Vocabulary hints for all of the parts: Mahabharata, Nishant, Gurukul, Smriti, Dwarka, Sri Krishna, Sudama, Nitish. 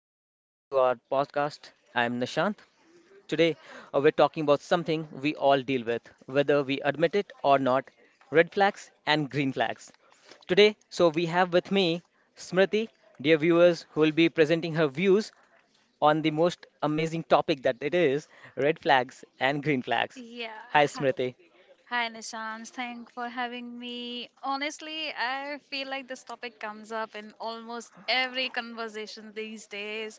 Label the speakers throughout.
Speaker 1: Welcome to our podcast. I'm Nishant. Today we're talking about something we all deal with, whether we admit it or not, red flags and green flags. Today, so we have with me Smriti, dear viewers, who will be presenting her views on the most amazing topic that it is red flags and green flags.
Speaker 2: Yeah.
Speaker 1: Hi
Speaker 2: Hi,
Speaker 1: Smriti.
Speaker 2: hi, Nishant. Thanks for having me. Honestly, I feel like this topic comes up in almost every conversation these days.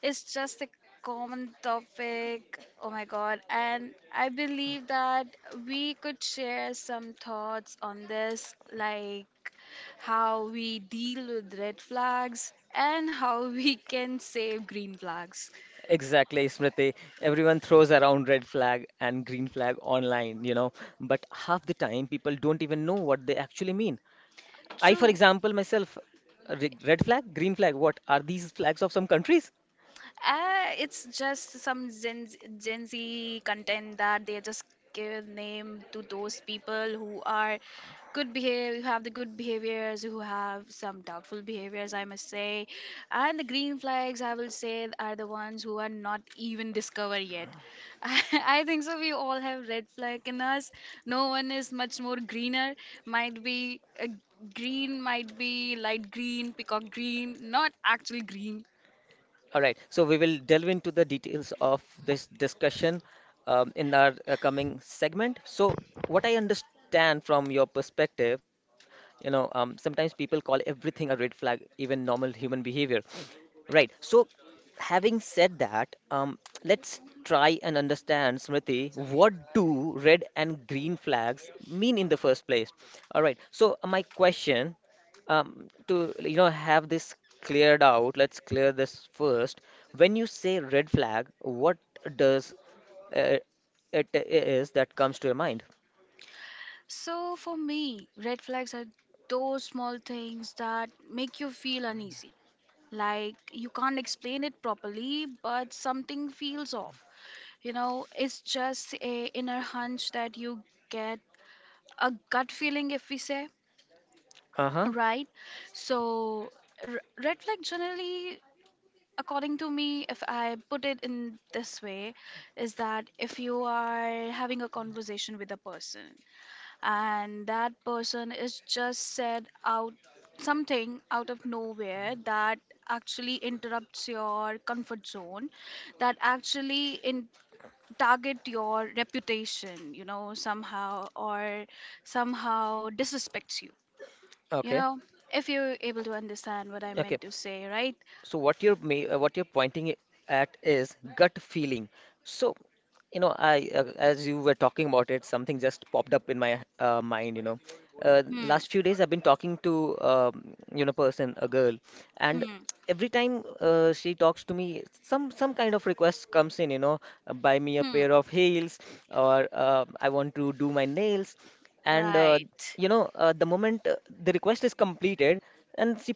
Speaker 2: It's just a common topic. Oh my God. And I believe that we could share some thoughts on this, like how we deal with red flags and how we can save green flags.
Speaker 1: Exactly, Smriti. Everyone throws around red flag and green flag online, you know, but half the time people don't even know what they actually mean. I, for
Speaker 2: True.
Speaker 1: example, myself, red flag, green flag, what are these flags of some countries?
Speaker 2: It's just some Gen Z content that they just give name to those people who are good behavior, who have the good behaviors, who have some doubtful behaviors, I must say. And the green flags, I will say, are the ones who are not even discovered yet. I think so. We all have red flag in us. No one is much more greener. Might be a green, might be light green, peacock green, not actually green.
Speaker 1: All right, so we will delve into the details of this discussion in our coming segment. So, what I understand from your perspective, you know, sometimes people call everything a red flag, even normal human behavior. Right. So, having said that, let's try and understand, Smriti, what do red and green flags mean in the first place? All right. So, my question to you know have this cleared out, let's clear this first. When you say red flag, what does uh, it is that comes to your mind?
Speaker 2: So, for me, red flags are those small things that make you feel uneasy. Like you can't explain it properly, but something feels off. You know, it's just a inner hunch that you get a gut feeling, if we say,
Speaker 1: Uh-huh.
Speaker 2: right? So, red flag generally, according to me, if I put it in this way, is that if you are having a conversation with a person and that person is just said out something out of nowhere that actually interrupts your comfort zone, that actually in target your reputation, you know, somehow or somehow disrespects you, you
Speaker 1: Okay.
Speaker 2: know, if you're able to understand what I
Speaker 1: Okay.
Speaker 2: meant to say, right?
Speaker 1: So what what you're pointing at is gut feeling. So, you know, I as you were talking about it, something just popped up in my mind. You know,
Speaker 2: Hmm.
Speaker 1: last few days I've been talking to you know person, a girl, and
Speaker 2: Hmm.
Speaker 1: every time she talks to me, some kind of request comes in. You know, buy me a
Speaker 2: Hmm.
Speaker 1: pair of heels, or I want to do my nails, and
Speaker 2: Right.
Speaker 1: you know, the moment the request is completed, and she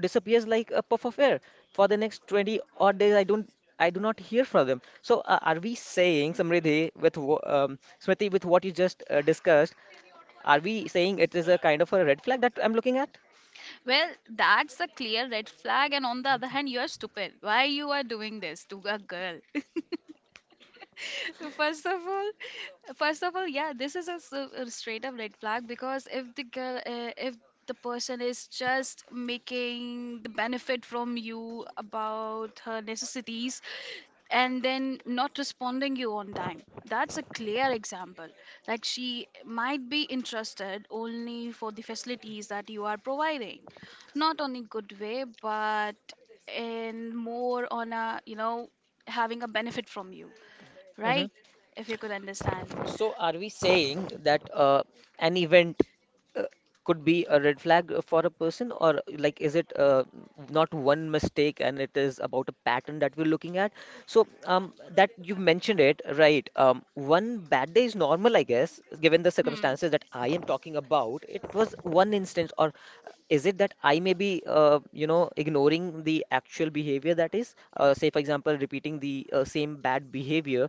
Speaker 1: disappears like a puff of air for the next 20 odd days. I do not hear from them. So are we saying Samriddhi with Smriti with what you just discussed, are we saying it is a kind of a red flag that I'm looking at?
Speaker 2: Well, that's a clear red flag, and on the other hand, you're stupid. Why you are doing this to a girl? First of all, first of all, yeah, this is a, a straight up red flag because if the girl, if the person is just making the benefit from you about her necessities and then not responding you on time, that's a clear example. Like she might be interested only for the facilities that you are providing, not on a good way, but in more on a, you know, having a benefit from you, right? If you could understand.
Speaker 1: So, are we saying that an event uh, could be a red flag for a person, or like is it not one mistake and it is about a pattern that we're looking at? So, that you mentioned it, right? One bad day is normal, I guess, given the
Speaker 2: Hmm.
Speaker 1: circumstances that I am talking about. It was one instance, or is it that I may be, you know, ignoring the actual behavior that is, say, for example, repeating the same bad behavior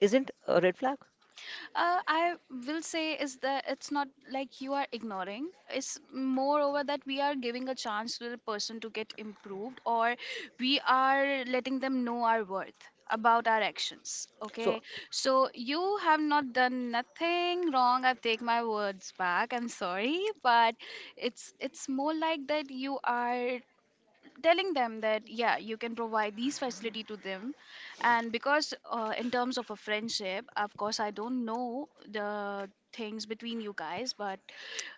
Speaker 1: isn't a red flag?
Speaker 2: I will say is that it's not like you are ignoring. It's moreover that we are giving a chance to the person to get improved, or we are letting them know our worth about our actions.
Speaker 1: So,
Speaker 2: Okay, so you have not done nothing wrong. I take my words back. I'm sorry, but it's more like that you are telling them that yeah you can provide these facility to them, and because in terms of a friendship, of course I don't know the things between you guys, but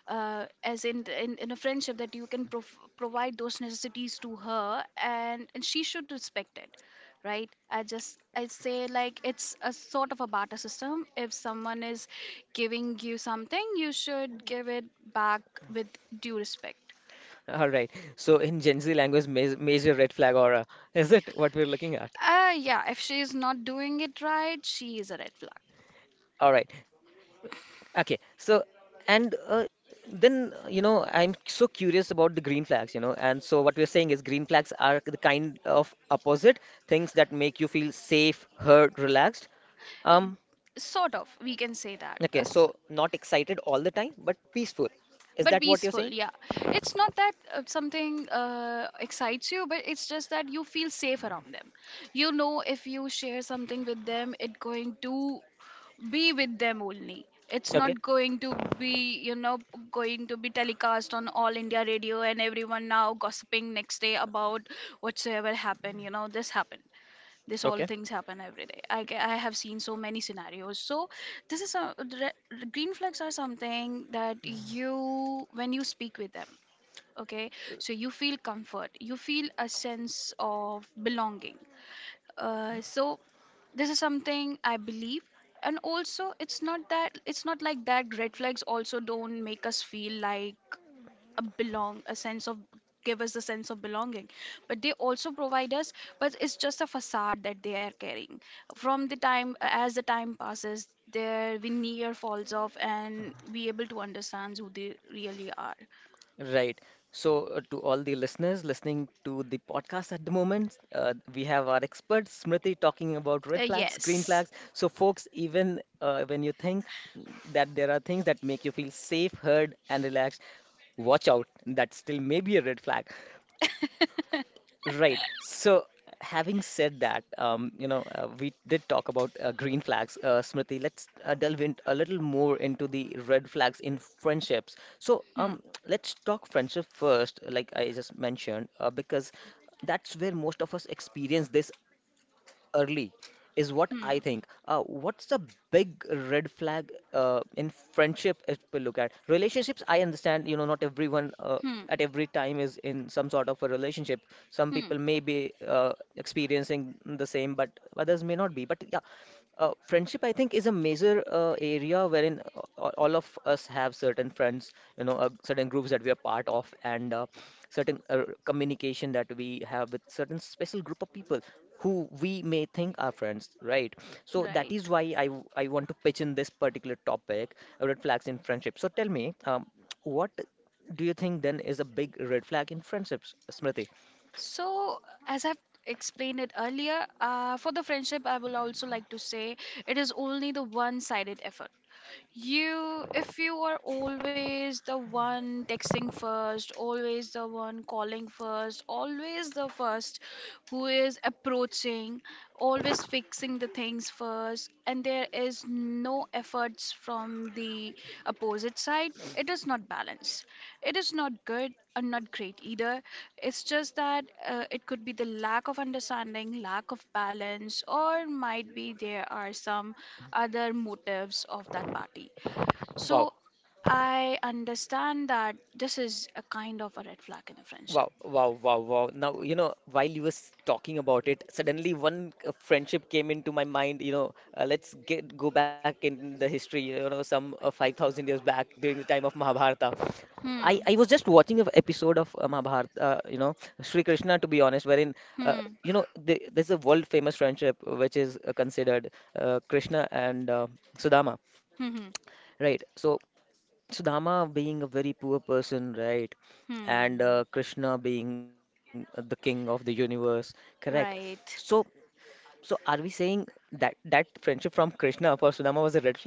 Speaker 2: as in, in a friendship, that you can provide those necessities to her, and she should respect it, right? I just i say, like, it's a sort of a barter system. If someone is giving you something, you should give it back with due respect.
Speaker 1: all right. So in Gen Z language, ma major red flag aura. Is it what we're looking at?
Speaker 2: Yeah, if she is not doing it right, she is a red flag.
Speaker 1: All right. Okay. So, and then, you know, I'm so curious about the green flags, you know. And so what we're saying is green flags are the kind of opposite things that make you feel safe, heard, relaxed.
Speaker 2: Y-
Speaker 1: Um,
Speaker 2: Sort of, we can say that.
Speaker 1: okay. So not excited all the time, but peaceful. Is
Speaker 2: But
Speaker 1: that what you're
Speaker 2: peaceful,
Speaker 1: saying?
Speaker 2: yeah. It's not that something excites you, but it's just that you feel safe around them. You know, if you share something with them, it's going to be with them only. It's
Speaker 1: Okay.
Speaker 2: not going to be, you know, going to be telecast on All India Radio and everyone now gossiping next day about whatsoever happened, you know, this happened. This all
Speaker 1: Okay.
Speaker 2: things happen every day. I have seen so many scenarios. So this is a green flags are something that you when you speak with them, okay, so you feel comfort, you feel a sense of belonging. So this is something I believe. And also it's not that it's not like that red flags also don't make us feel like a belong a sense of give us the sense of belonging, but they also provide us, but it's just a facade that they are carrying. From the time as the time passes, their veneer falls off and we able to understand who they really are.
Speaker 1: Right. So, to all the listeners listening to the podcast at the moment, we have our expert Smriti talking about red flags, green
Speaker 2: Yes.
Speaker 1: flags. So, folks, even when you think that there are things that make you feel safe, heard, and relaxed, watch out. That still may be a red flag. Right. So, having said that, you know, we did talk about green flags, Smriti. Let's delve in a little more into the red flags in friendships. So,
Speaker 2: Hmm.
Speaker 1: let's talk friendship first, like I just mentioned, because that's where most of us experience this early is what I
Speaker 2: Hmm.
Speaker 1: think. What's the big red flag in friendship if we look at? Relationships, I understand, you know, not everyone
Speaker 2: Hmm.
Speaker 1: at every time is in some sort of a relationship. Some
Speaker 2: Hmm.
Speaker 1: people may be experiencing the same, but others may not be. But yeah, friendship, I think, is a major area wherein all of us have certain friends, you know, certain groups that we are part of, and certain communication that we have with certain special group of people who we may think are friends, right? So that is
Speaker 2: Right.
Speaker 1: why I want to pitch in this particular topic, red flags in friendship. So tell me, what do you think then is a big red flag in friendships, Smriti?
Speaker 2: So, as I've explained it earlier, for the friendship I will also like to say it is only the one-sided effort. You, if you are always the one texting first, always the one calling first, always the first who is approaching, always fixing the things first, and there is no efforts from the opposite side, it is not balance. It is not good and not great either. It's just that it could be the lack of understanding, lack of balance, or might be there are some other motives of that party.
Speaker 1: Wow,
Speaker 2: So I understand that this is a kind of a red flag in a friendship.
Speaker 1: wow, wow, wow, wow. Now, you know, while you was talking about it, suddenly one friendship came into my mind. You know, let's get go back in the history, you know, some 5,000 years back during the time of Mahabharata. I
Speaker 2: Hmm.
Speaker 1: was just watching an episode of Mahabharata, you know, Sri Krishna, to be honest, wherein, uh,
Speaker 2: Hmm.
Speaker 1: you know, there's a world famous friendship which is considered Krishna and Sudama,
Speaker 2: Hmm. Hmm.
Speaker 1: right? So, Sudama being a very poor person, right? And
Speaker 2: Hmm.
Speaker 1: Krishna being the king of the universe, correct? So,
Speaker 2: Right.
Speaker 1: so are we saying that that friendship from Krishna for Sudama was a red flag?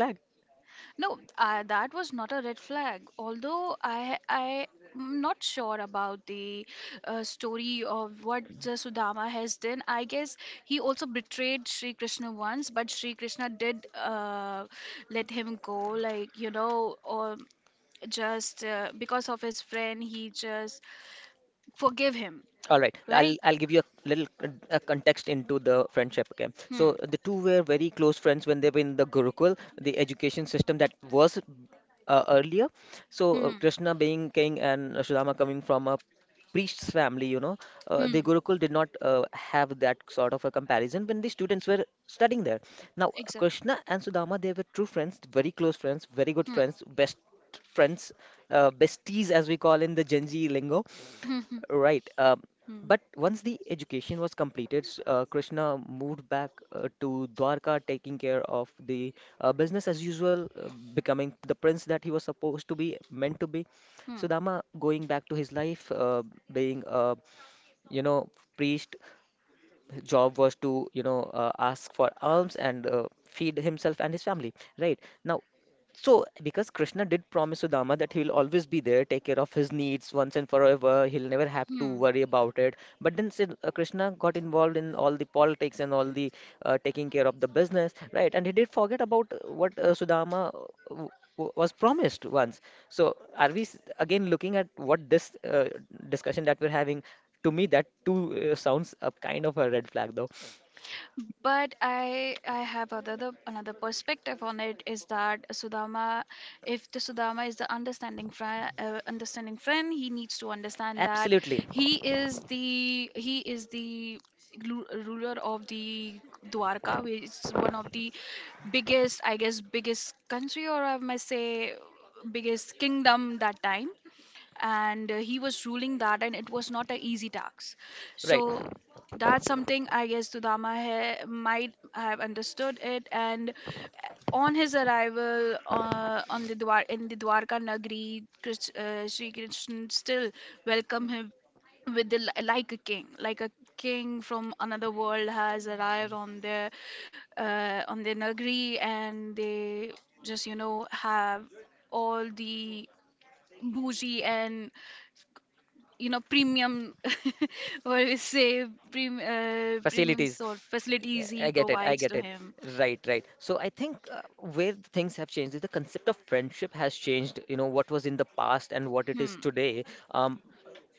Speaker 2: No, that was not a red flag. Although I am not sure about the story of what the Sudama has done. I guess he also betrayed Sri Krishna once, but Sri Krishna did let him go. Like you know, or just because of his friend, he just forgive him,
Speaker 1: All right,
Speaker 2: right?
Speaker 1: I'll give you a little a context into the friendship. Okay,
Speaker 2: Hmm.
Speaker 1: so the two were very close friends when they were in the Gurukul, the education system that was earlier. So
Speaker 2: Hmm.
Speaker 1: Krishna being king and Sudama coming from a priest's family, you know, the
Speaker 2: Hmm. Hmm.
Speaker 1: Gurukul did not have that sort of a comparison when the students were studying there. Now
Speaker 2: Exactly.
Speaker 1: Krishna and Sudama, they were true friends, very close friends, very good
Speaker 2: Hmm.
Speaker 1: friends, best friends, besties as we call in the Gen Z lingo.
Speaker 2: Hmm.
Speaker 1: Right.
Speaker 2: Hmm.
Speaker 1: But once the education was completed, Krishna moved back to Dwarka, taking care of the business as usual, becoming the prince that he was supposed to be, meant to be.
Speaker 2: Hmm.
Speaker 1: Sudama going back to his life, being a you know priest. His job was to you know ask for alms and feed himself and his family. Right now, so, because Krishna did promise Sudama that he'll always be there, take care of his needs once and forever, he'll never have to
Speaker 2: Hmm.
Speaker 1: worry about it. But then still, Krishna got involved in all the politics and all the taking care of the business, right? And he did forget about what Sudama w- was promised once. So, are again looking at what this discussion that we're having? To me, that too sounds a kind of a red flag, though.
Speaker 2: But I have another perspective on it, is that Sudama, if the Sudama is the understanding friend, understanding friend, he needs to understand that
Speaker 1: Absolutely.
Speaker 2: he he is the ruler of the Dwarka, which is one of the biggest, I guess, biggest country, or I must say biggest kingdom that time. And he was ruling that, and it was not an easy task.
Speaker 1: Right.
Speaker 2: So that's something, I guess, Sudama might have understood it. And on his arrival on the in the Dwarka Nagari, Sri Krishna still welcomed him with the like a king, like a king from another world has arrived on their Nagri, and they just, you know, have all the bougie and, you know, premium what we say premium
Speaker 1: Facilities.
Speaker 2: sort
Speaker 1: Yeah,
Speaker 2: facilities he
Speaker 1: I get it. I
Speaker 2: provides
Speaker 1: get
Speaker 2: to
Speaker 1: it.
Speaker 2: him.
Speaker 1: Right, right. So I think where the things have changed is the concept of friendship has changed, you know, what was in the past and what it is
Speaker 2: Hmm.
Speaker 1: today. Um,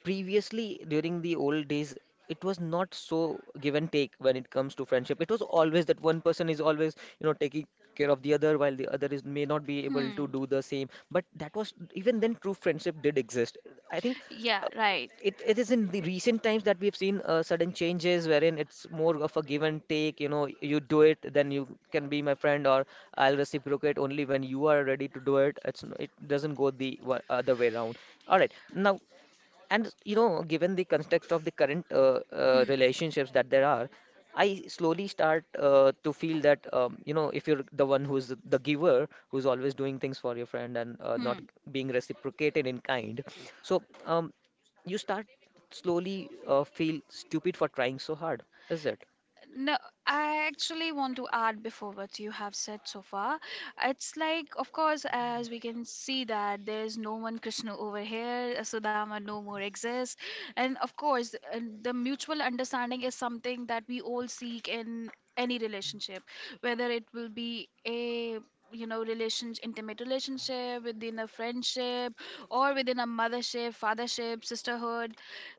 Speaker 1: previously, during the old days, it was not so give and take when it comes to friendship. It was always that one person is always, you know, taking care of the other while the other is may not be able to
Speaker 2: Hmm.
Speaker 1: do the same. But that was, even then, true friendship did exist. I think.
Speaker 2: Yeah,
Speaker 1: Uh,
Speaker 2: right.
Speaker 1: it is in the recent times that we've seen sudden changes wherein it's more of a give and take. You know, you do it then you can be my friend, or I'll reciprocate only when you are ready to do it. It's n- it doesn't go the other way around. All right, now, and you know, given the context of the current
Speaker 2: Hmm.
Speaker 1: relationships that there are, I slowly start to feel that you know, if you're the one who's the giver, who's always doing things for your friend and not
Speaker 2: Hmm.
Speaker 1: being reciprocated in kind, so you start slowly feel stupid for trying so hard, is it?
Speaker 2: No, I actually want to add before what you have said so far. It's like, of course, as we can see that there is no one Krishna over here, Sudama no more exists, and of course, the mutual understanding is something that we all seek in any relationship, whether it will be a, you know, relations intimate relationship within a friendship or within a mothership, fathership, sisterhood,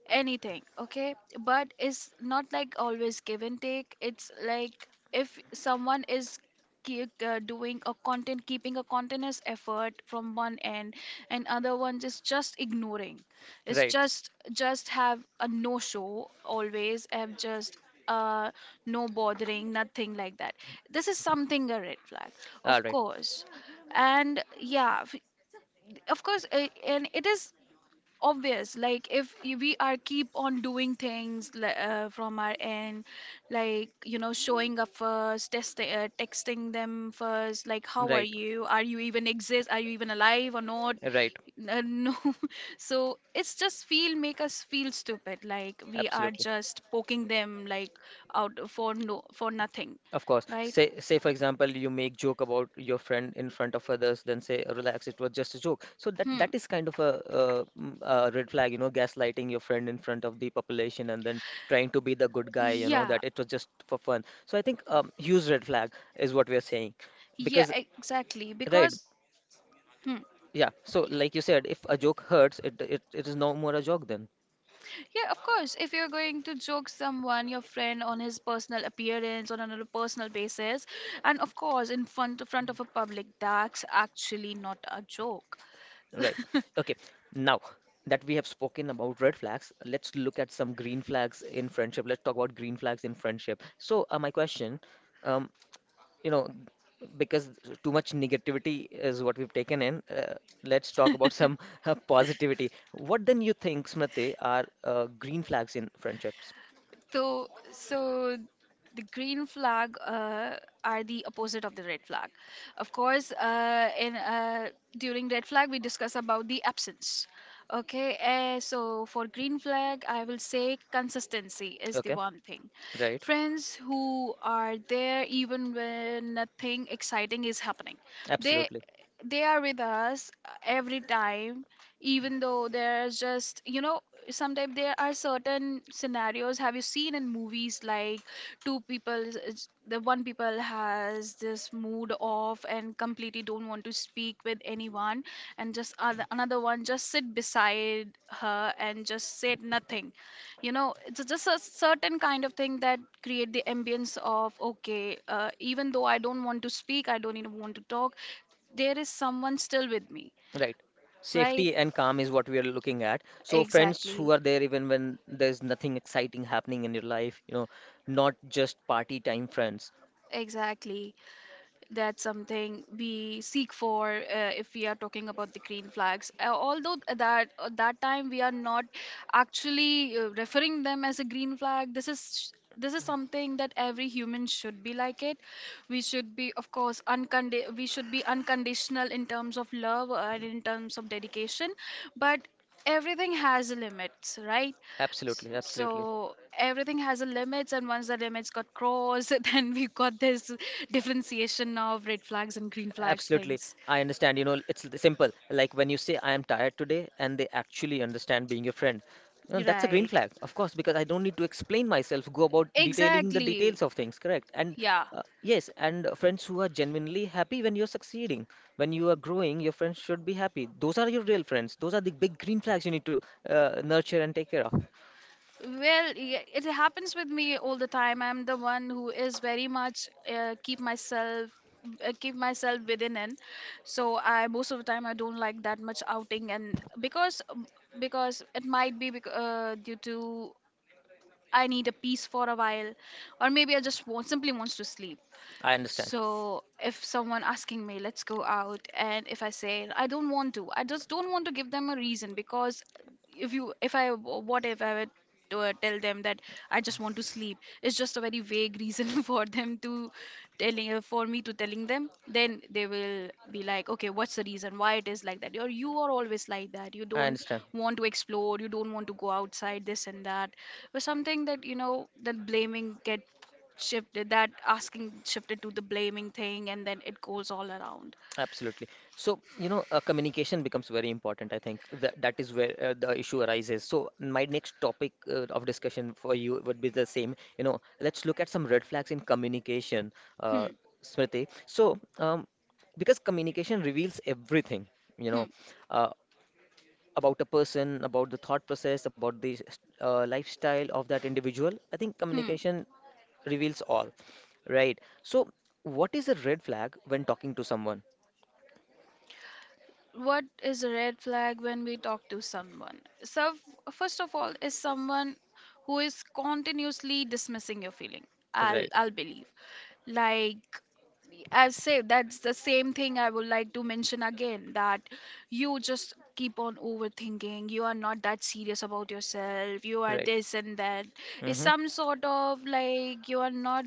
Speaker 2: anything. Okay, but it's not like always give and take. It's like if someone is doing a content, keeping a continuous effort from one end and other one just ignoring, it's
Speaker 1: Right.
Speaker 2: just have a no show, always have just uh no bothering, nothing like that, this is something a red flag,
Speaker 1: All
Speaker 2: of
Speaker 1: right.
Speaker 2: course. And yeah, of course and it is obvious, like if we are keep on doing things from our end, like you know, showing up first texting them first, like how are
Speaker 1: Right.
Speaker 2: you, are you even exist, are you even alive or not,
Speaker 1: Right.
Speaker 2: no. So it's just feel make us feel stupid, like we are
Speaker 1: Absolutely.
Speaker 2: just poking them like out for no for nothing,
Speaker 1: Of course.
Speaker 2: right?
Speaker 1: Say, say for example, you make joke about your friend in front of others, then say, "Relax, it was just a joke." So that
Speaker 2: Hmm.
Speaker 1: that is kind of a, a red flag, you know, gaslighting your friend in front of the population and then trying to be the good guy, you know, that
Speaker 2: Yeah,
Speaker 1: it was just for fun. So I think huge red flag is what we are saying,
Speaker 2: yeah,
Speaker 1: because
Speaker 2: exactly,
Speaker 1: right,
Speaker 2: because hmm.
Speaker 1: yeah. So like you said, if a joke hurts, it is no more a joke then.
Speaker 2: Yeah, of course. If you're going to joke someone, your friend, on his personal appearance on a personal basis, and of course in front of a public, that's actually not a joke.
Speaker 1: Right. Okay. Now that we have spoken about red flags, let's look at some green flags in friendship. Let's talk about green flags in friendship. So, my question, um, you know, because too much negativity is what we've taken in, let's talk about some positivity. What then you think, Smriti, are green flags in friendships?
Speaker 2: So, so the green flag are the opposite of the red flag. Of course, in during red flag we discuss about the absence. Okay, so for green flag, I will say consistency is the
Speaker 1: Okay.
Speaker 2: one thing.
Speaker 1: Right.
Speaker 2: Friends who are there even when nothing exciting is happening, they
Speaker 1: Absolutely.
Speaker 2: they are with us every time, even though there's just you know sometimes there are certain scenarios have you seen in movies like two people the one people has this mood off and completely don't want to speak with anyone and just other, another one just sit beside her and just said nothing, you know, it's just a certain kind of thing that create the ambience of okay, even though I don't want to speak I don't even want to talk, there is someone still with me.
Speaker 1: Right.
Speaker 2: Right.
Speaker 1: Safety and calm is what we are looking at. So friends who
Speaker 2: Exactly.
Speaker 1: are there even when there's nothing exciting happening in your life, not just party time friends.
Speaker 2: Exactly. That's something we seek for, if we are talking about the green flags. Although th- that That time we are not actually referring them as a green flag. This is something that every human should be like it. We should be of course we should be unconditional in terms of love and in terms of dedication. But everything has limits, right?
Speaker 1: Absolutely, absolutely.
Speaker 2: So everything has a limits, and once the limits got crossed, then we got this differentiation of red flags and green flags
Speaker 1: Absolutely.
Speaker 2: things.
Speaker 1: I understand. You know, it's simple. Like when you say, I am tired today, and they actually understand being your friend. You know, that's a green
Speaker 2: Right.
Speaker 1: flag, of course, because I don't need to explain myself, go about detailing the
Speaker 2: Exactly.
Speaker 1: details of things, correct? And
Speaker 2: Yeah.
Speaker 1: yes, and friends who are genuinely happy when you're succeeding, when you are growing, your friends should be happy. Those are your real friends. Those are the big green flags you need to nurture and take care of.
Speaker 2: Well, yeah, it happens with me all the time. I'm the one who is very much keep myself within in. So I most of the time I don't like that much outing, and because it might be due to I need a peace for a while, or maybe I just want, simply wants to sleep.
Speaker 1: I understand.
Speaker 2: So if someone asking me, let's go out, and if I say I don't want to, I just don't want to give them a reason because if I, what if I would tell them that I just want to sleep? It's just a very vague reason for them to telling for me to telling them. Then they will be like, okay, what's the reason why it is like that? Or you are always like that. You
Speaker 1: I
Speaker 2: don't
Speaker 1: understand.
Speaker 2: want to explore. You don't want to go outside. This and that. But something that you know that blaming get shifted, that asking shifted to the blaming thing, and then it goes all around.
Speaker 1: Absolutely. So, communication becomes very important. I think that that is where the issue arises. So, my next topic of discussion for you would be the same. You know, let's look at some red flags in communication, uh,
Speaker 2: Hmm.
Speaker 1: Smriti. So, because communication reveals everything, you
Speaker 2: Hmm.
Speaker 1: know, uh, about a person, about the thought process, about the lifestyle of that individual. I think
Speaker 2: Hmm.
Speaker 1: communication reveals all, right? So, what is a red flag when talking to someone?
Speaker 2: What is a red flag when we talk to someone? So, first of all, is someone who is continuously dismissing your feeling. I'll
Speaker 1: Right,
Speaker 2: I'll believe. Like I've said, that's the same thing I would like to mention again that you just keep on overthinking. You are not that serious about yourself. You are
Speaker 1: right.
Speaker 2: this and that. It's
Speaker 1: Mm-hmm.
Speaker 2: some sort of like you are not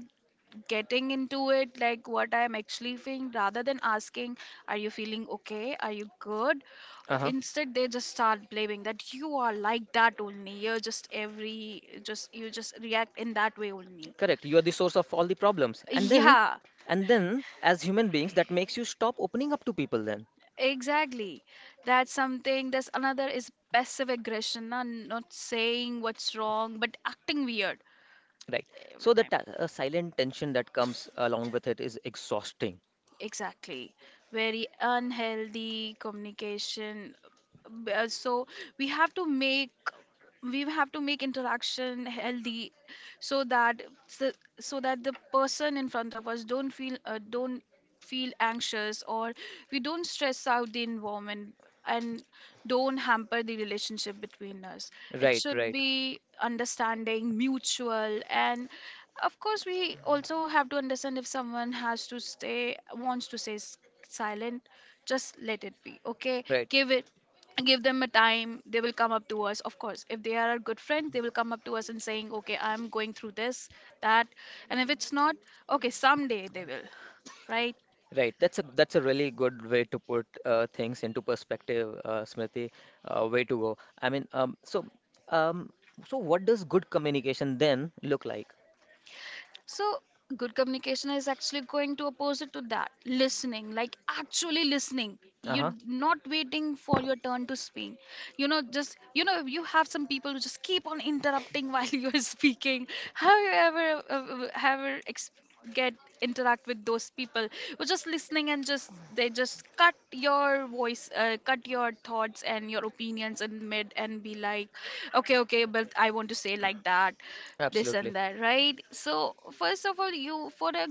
Speaker 2: getting into it, like what I'm actually feeling, rather than asking, are you feeling okay? Are you good?
Speaker 1: Uh-huh.
Speaker 2: Instead, they just start blaming that you are like that only. You're just every, just, you just react in that way only.
Speaker 1: Correct. You are the source of all the problems. And then,
Speaker 2: Yeah,
Speaker 1: and then, as human beings, that makes you stop opening up to people then,
Speaker 2: exactly. That's something. There's another is passive aggression, na? Not saying what's wrong, but acting weird
Speaker 1: right?
Speaker 2: every
Speaker 1: So the
Speaker 2: time.
Speaker 1: silent tension that comes along with it is exhausting.
Speaker 2: Exactly. Very unhealthy communication. So we have to make we have to make interaction healthy so that so that the person in front of us don't feel anxious, or we don't stress out the environment and don't hamper the relationship between us. It
Speaker 1: Right,
Speaker 2: should
Speaker 1: right,
Speaker 2: be understanding, mutual, and of course, we also have to understand if someone has to stay, wants to stay silent, just let it be. Okay,
Speaker 1: right.
Speaker 2: give it, give them a time. They will come up to us. Of course, if they are a good friend, they will come up to us and saying, okay, I'm going through this, that, and if it's not, okay, someday they will, right?
Speaker 1: Right. That's a really good way to put things into perspective, Smriti. Way to go. I mean, um, so what does good communication then look like?
Speaker 2: So, good communication is actually going to opposite to that. Listening, like actually listening. You're
Speaker 1: Uh-huh.
Speaker 2: not waiting for your turn to speak. You know, just, you know, you have some people who just keep on interrupting while you're speaking. Have you ever, ever ex- get interact with those people who just listening, and just, they just cut your voice, cut your thoughts and your opinions in mid and be like, okay, okay, but I want to say like that, this
Speaker 1: Absolutely.
Speaker 2: and that, right? So first of all, you for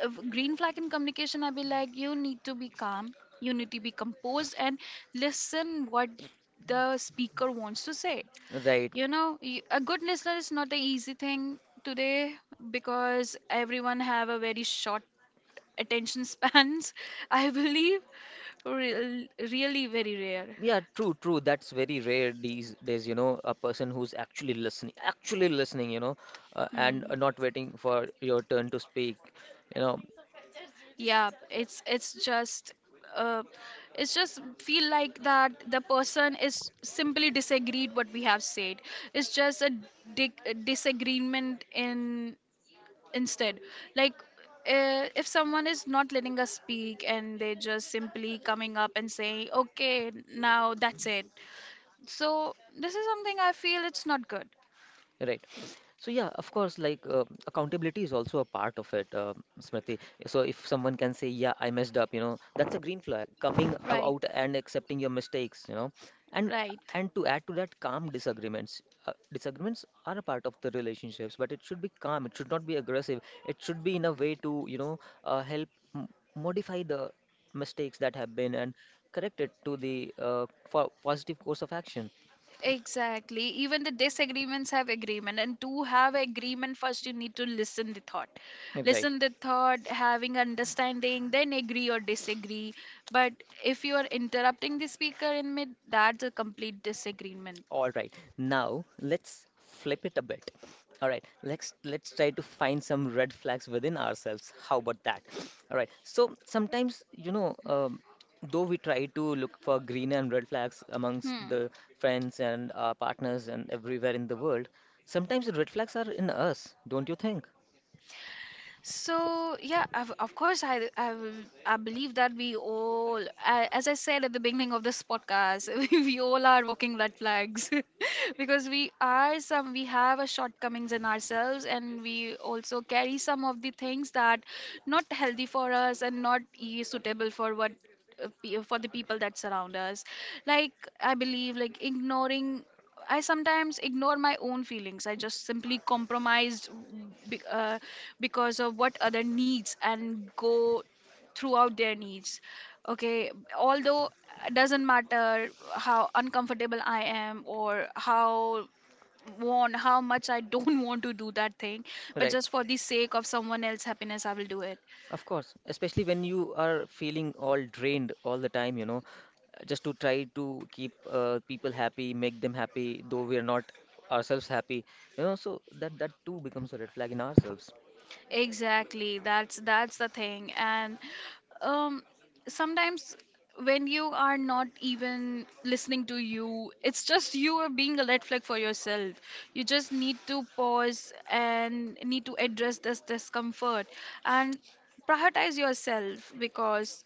Speaker 2: a green flag in communication, I'd be like, you need to be calm, you need to be composed, and listen what the speaker wants to say.
Speaker 1: Right.
Speaker 2: You know, a good listener is not the easy thing today, because everyone have a very short attention spans. I believe, real, really very rare.
Speaker 1: Yeah, true, true. That's very rare these days, a person who's actually listening, actually listening, and
Speaker 2: Hmm.
Speaker 1: not waiting for your turn to speak. You know,
Speaker 2: Yeah, it's just uh, it's just feel like that the person is simply disagreed what we have said. It's just dig a disagreement in instead. Like if someone is not letting us speak and they're just simply coming up and saying, "Okay, now that's it." So this is something I feel it's not good.
Speaker 1: Right. So yeah, of course, like accountability is also a part of it, Smriti. So if someone can say, "Yeah, I messed up," that's a green flag. Coming
Speaker 2: Right,
Speaker 1: out and accepting your mistakes, you know, and
Speaker 2: right.
Speaker 1: and to add to that, calm disagreements. Disagreements are a part of the relationships, but it should be calm. It should not be aggressive. It should be in a way to, you know, help m modify the mistakes that have been and correct it to the for positive course of action.
Speaker 2: Exactly. Even the disagreements have agreement, and to have agreement, first you need to
Speaker 1: Right.
Speaker 2: listen the thought, having understanding, then agree or disagree. But if you are interrupting the speaker in mid, that's a complete disagreement.
Speaker 1: All right. Now let's flip it a bit. All right. Let's try to find some red flags within ourselves. How about that? All right. So sometimes, though we try to look for green and red flags amongst
Speaker 2: Hmm.
Speaker 1: the friends and our partners and everywhere in the world, sometimes the red flags are in us, don't you think?
Speaker 2: So yeah, of course, I I believe that we all, as I said at the beginning of this podcast, we all are walking red flags because we are some, we have a shortcomings in ourselves, and we also carry some of the things that not healthy for us and not suitable for what for the people that surround us. Like I believe, like ignoring I sometimes ignore my own feelings. I just simply compromised be, uh, because of what other needs and go throughout their needs. Okay, although it doesn't matter how uncomfortable I am, or how want how much I don't want to do that thing, but
Speaker 1: Right.
Speaker 2: just for the sake of someone else's happiness, I will do it.
Speaker 1: Of course, especially when you are feeling all drained all the time, just to try to keep people happy, make them happy, though we are not ourselves happy, so that that too becomes a red flag in ourselves.
Speaker 2: Exactly. That's the thing. And um, sometimes when you are not even listening to you, it's just you are being a red flag for yourself. You just need to pause and need to address this discomfort and prioritize yourself, because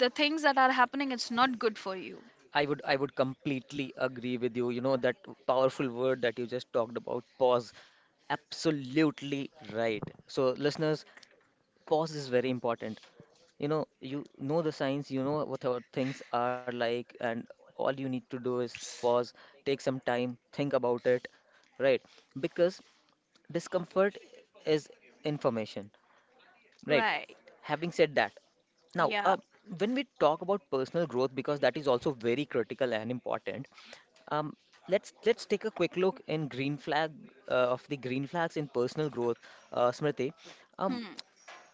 Speaker 2: the things that are happening, it's not good for you.
Speaker 1: I would completely agree with you. You know, that powerful word that you just talked about, pause. Absolutely right. So, listeners, pause is very important. You know the signs, you know what our things are like, and all you need to do is pause, take some time, think about it, right? Because discomfort is information, right?
Speaker 2: Right.
Speaker 1: Having said that, now,
Speaker 2: Yeah.
Speaker 1: when we talk about personal growth, because that is also very critical and important, um, let's take a quick look in green flag uh, of the green flags in personal growth, Smriti. Um,
Speaker 2: Hmm.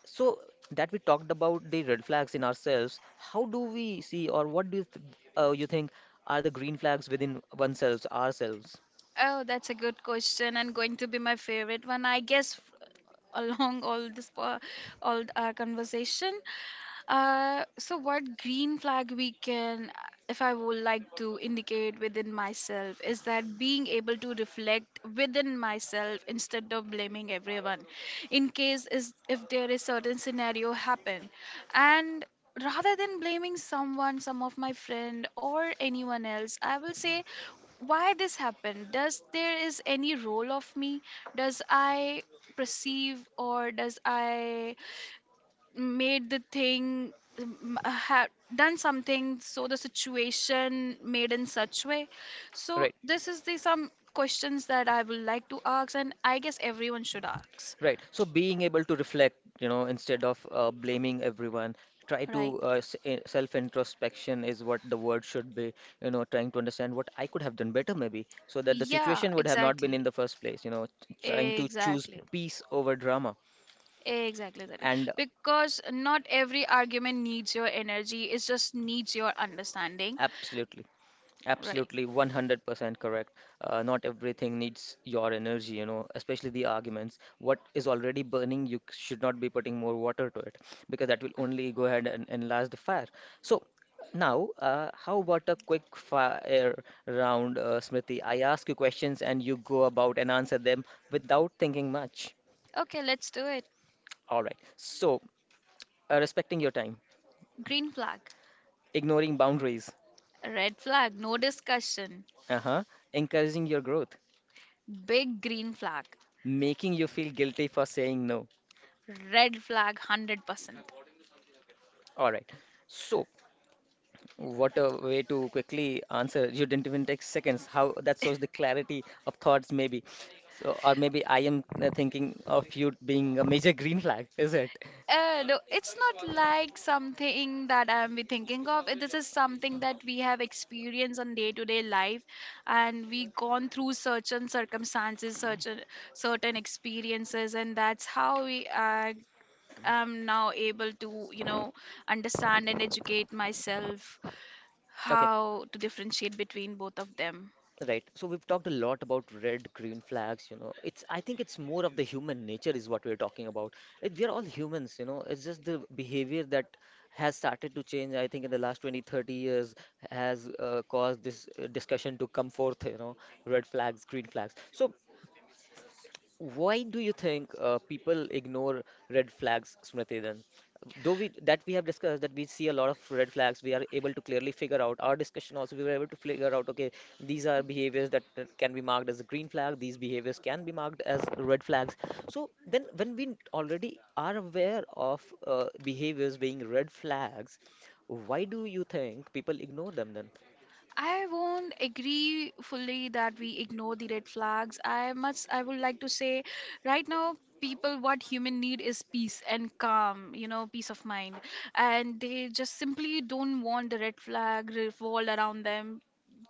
Speaker 1: so that we talked about the red flags in ourselves, how do we see or what do you think are the green flags within oneself, ourselves?
Speaker 2: Oh, that's a good question and going to be my favorite one. I guess along all this all our conversation. So what green flag we can, if I would like to indicate within myself, is that being able to reflect within myself instead of blaming everyone, in case is if there is certain scenario happen, and rather than blaming someone, some of my friend or anyone else, I will say why this happened, does there is any role of me, does I perceive, or does I made the thing, um, uh, done something so the situation made in such way. So
Speaker 1: Right,
Speaker 2: this is the some questions that I would like to ask, and I guess everyone should ask.
Speaker 1: right. So being able to reflect, instead of blaming everyone, try
Speaker 2: Right.
Speaker 1: to self-introspection is what the word should be, trying to understand what I could have done better maybe, so that the
Speaker 2: Yeah,
Speaker 1: situation would have not been in
Speaker 2: exactly.
Speaker 1: the first place, trying to choose
Speaker 2: Exactly.
Speaker 1: peace over drama.
Speaker 2: Exactly. Exactly.
Speaker 1: And
Speaker 2: Because not every argument needs your energy, it just needs your understanding.
Speaker 1: absolutely.
Speaker 2: Right.
Speaker 1: Absolutely, 100% correct. Not everything needs your energy, especially the arguments. What is already burning, you should not be putting more water to it because that will only go ahead and enlarge the fire. So, now, how about a quick fire round, Smriti? I ask you questions and you go about and answer them without thinking much.
Speaker 2: Okay, let's do it.
Speaker 1: All right. So, respecting your time,
Speaker 2: Green flag.
Speaker 1: ignoring boundaries,
Speaker 2: Red flag, no discussion.
Speaker 1: uh-huh, encouraging your growth,
Speaker 2: Big green flag.
Speaker 1: making you feel guilty for saying no.
Speaker 2: Red flag, 100%.
Speaker 1: All right. So, what a way to quickly answer. You didn't even take seconds. How that shows the clarity of thoughts, maybe. So, or maybe I am thinking of you being a major green flag, is it?
Speaker 2: No, it's not like something that I'm be thinking of. This is something that we have experienced on day-to-day life, and we gone through certain circumstances, certain experiences, and that's how we I am now able to, you know, understand and educate myself
Speaker 1: Okay.
Speaker 2: how to differentiate between both of them.
Speaker 1: Right. So we've talked a lot about red, green flags. It's I think it's more of the human nature is what we're talking about. We are all humans. It's just the behavior that has started to change, I think, in the last 20, 30 years has caused this discussion to come forth, red flags, green flags. So why do you think people ignore red flags, Smriti, then? Though we have discussed that we see a lot of red flags, we are able to clearly figure out. Our discussion also, we were able to figure out, okay, these are behaviors that can be marked as a green flag, these behaviors can be marked as red flags. So then when we already are aware of behaviors being red flags, why do you think people ignore them then?
Speaker 2: I won't agree fully that we ignore the red flags. I would like to say right now people what human need is peace and calm, you know, peace of mind. And they just simply don't want the red flag revolved around them,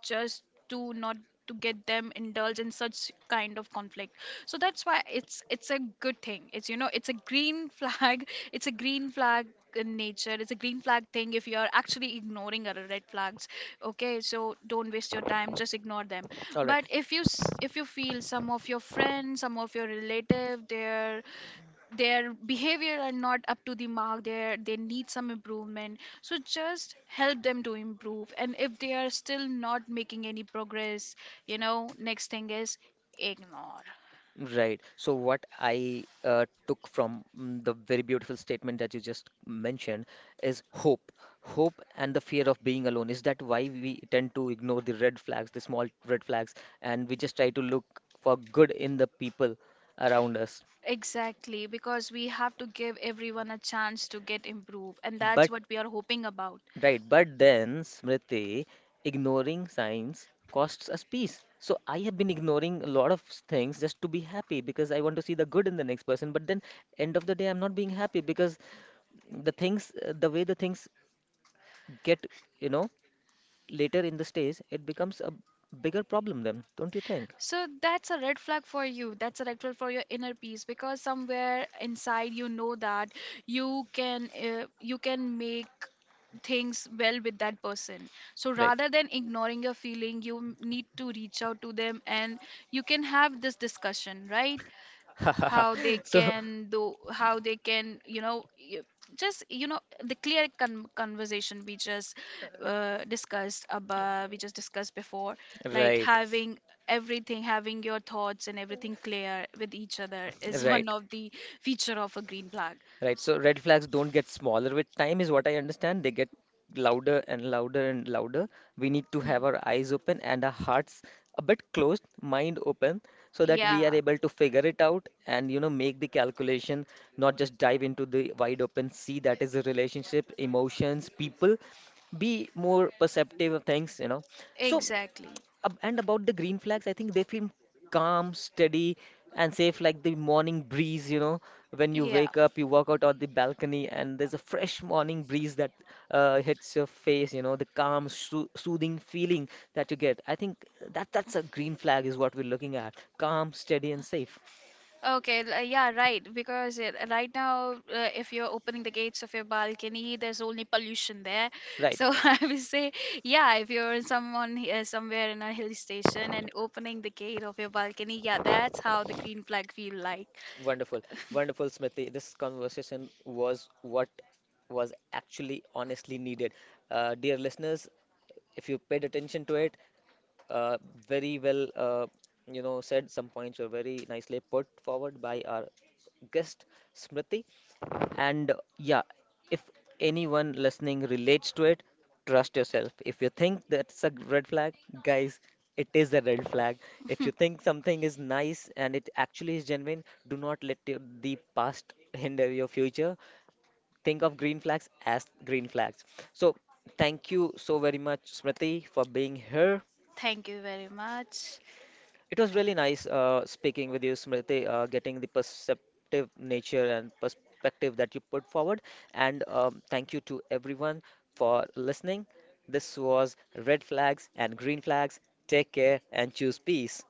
Speaker 2: just to not to get them indulged in such kind of conflict. So that's why it's a good thing. It's, you know, it's a green flag. It's a green flag in nature. It's a green flag thing if you're actually ignoring other red flags. Okay, so don't waste your time, just ignore them.
Speaker 1: All right.
Speaker 2: But if you feel some of your friends, some of your relative, they're their behavior are not up to the mark, there they need some improvement, so just help them to improve. And if they are still not making any progress, you know, next thing is ignore.
Speaker 1: Right. So what I took from the very beautiful statement that you just mentioned is hope. Hope and the fear of being alone. Is that why we tend to ignore the red flags, the small red flags, and we just try to look for good in the people around us?
Speaker 2: Exactly, because we have to give everyone a chance to get improved, and that's
Speaker 1: But
Speaker 2: what we are hoping about.
Speaker 1: right, but then, Smriti, ignoring signs costs us peace. So I have been ignoring a lot of things just to be happy because I want to see the good in the next person, but then end of the day I'm not being happy because the way the things get you know later in the stage it becomes a bigger problem then don't you think
Speaker 2: So that's a red flag for you. That's a red flag for your inner peace, because somewhere inside you know that you can make things well with that person. So
Speaker 1: right
Speaker 2: rather than ignoring your feeling, you need to reach out to them, and you can have this discussion, right? How they
Speaker 1: so
Speaker 2: can do, how they can, you know, just, you know, the conversation we just discussed about we just discussed before, like
Speaker 1: right
Speaker 2: having everything, having your thoughts and everything clear with each other, is one
Speaker 1: right
Speaker 2: of the feature of a green flag.
Speaker 1: Right. So red flags don't get smaller with time, is what I understand. They get louder and louder and louder. We need to
Speaker 2: Hmm.
Speaker 1: have our eyes open and our hearts a bit closed, mind open, so that we
Speaker 2: Yeah,
Speaker 1: are able to figure it out and, you know, make the calculation, not just dive into the wide open sea that is a relationship, emotions, people. Be more perceptive of things, you know. So
Speaker 2: exactly.
Speaker 1: And about the green flags, I think they feel calm, steady, and safe, like the morning breeze, you know, when you
Speaker 2: Yeah.
Speaker 1: wake up, you walk out on the balcony, and there's a fresh morning breeze that hits your face, the calm, soothing feeling that you get. I think that that's a green flag is what we're looking at. Calm, steady, and safe.
Speaker 2: Okay, yeah, right. Because right now, if you're opening the gates of your balcony, there's only pollution there.
Speaker 1: Right.
Speaker 2: So I would say, yeah, if you're in someone somewhere in a hill station and opening the gate of your balcony, yeah, that's how the green flag feel like.
Speaker 1: Wonderful. Wonderful, Smriti. This conversation was what was actually honestly needed. Dear listeners, if you paid attention to it, Uh, very well, said. Some points were very nicely put forward by our guest, Smriti. And yeah, if anyone listening relates to it, trust yourself. If you think that's a red flag, guys, it is a red flag. If you think something is nice and it actually is genuine, do not let the past hinder your future. Think of green flags as green flags. So, thank you so very much, Smriti, for being here.
Speaker 2: Thank you very much.
Speaker 1: It was really nice speaking with you, Smriti, getting the perceptive nature and perspective that you put forward. And thank you to everyone for listening. This was Red Flags and Green Flags. Take care and choose peace.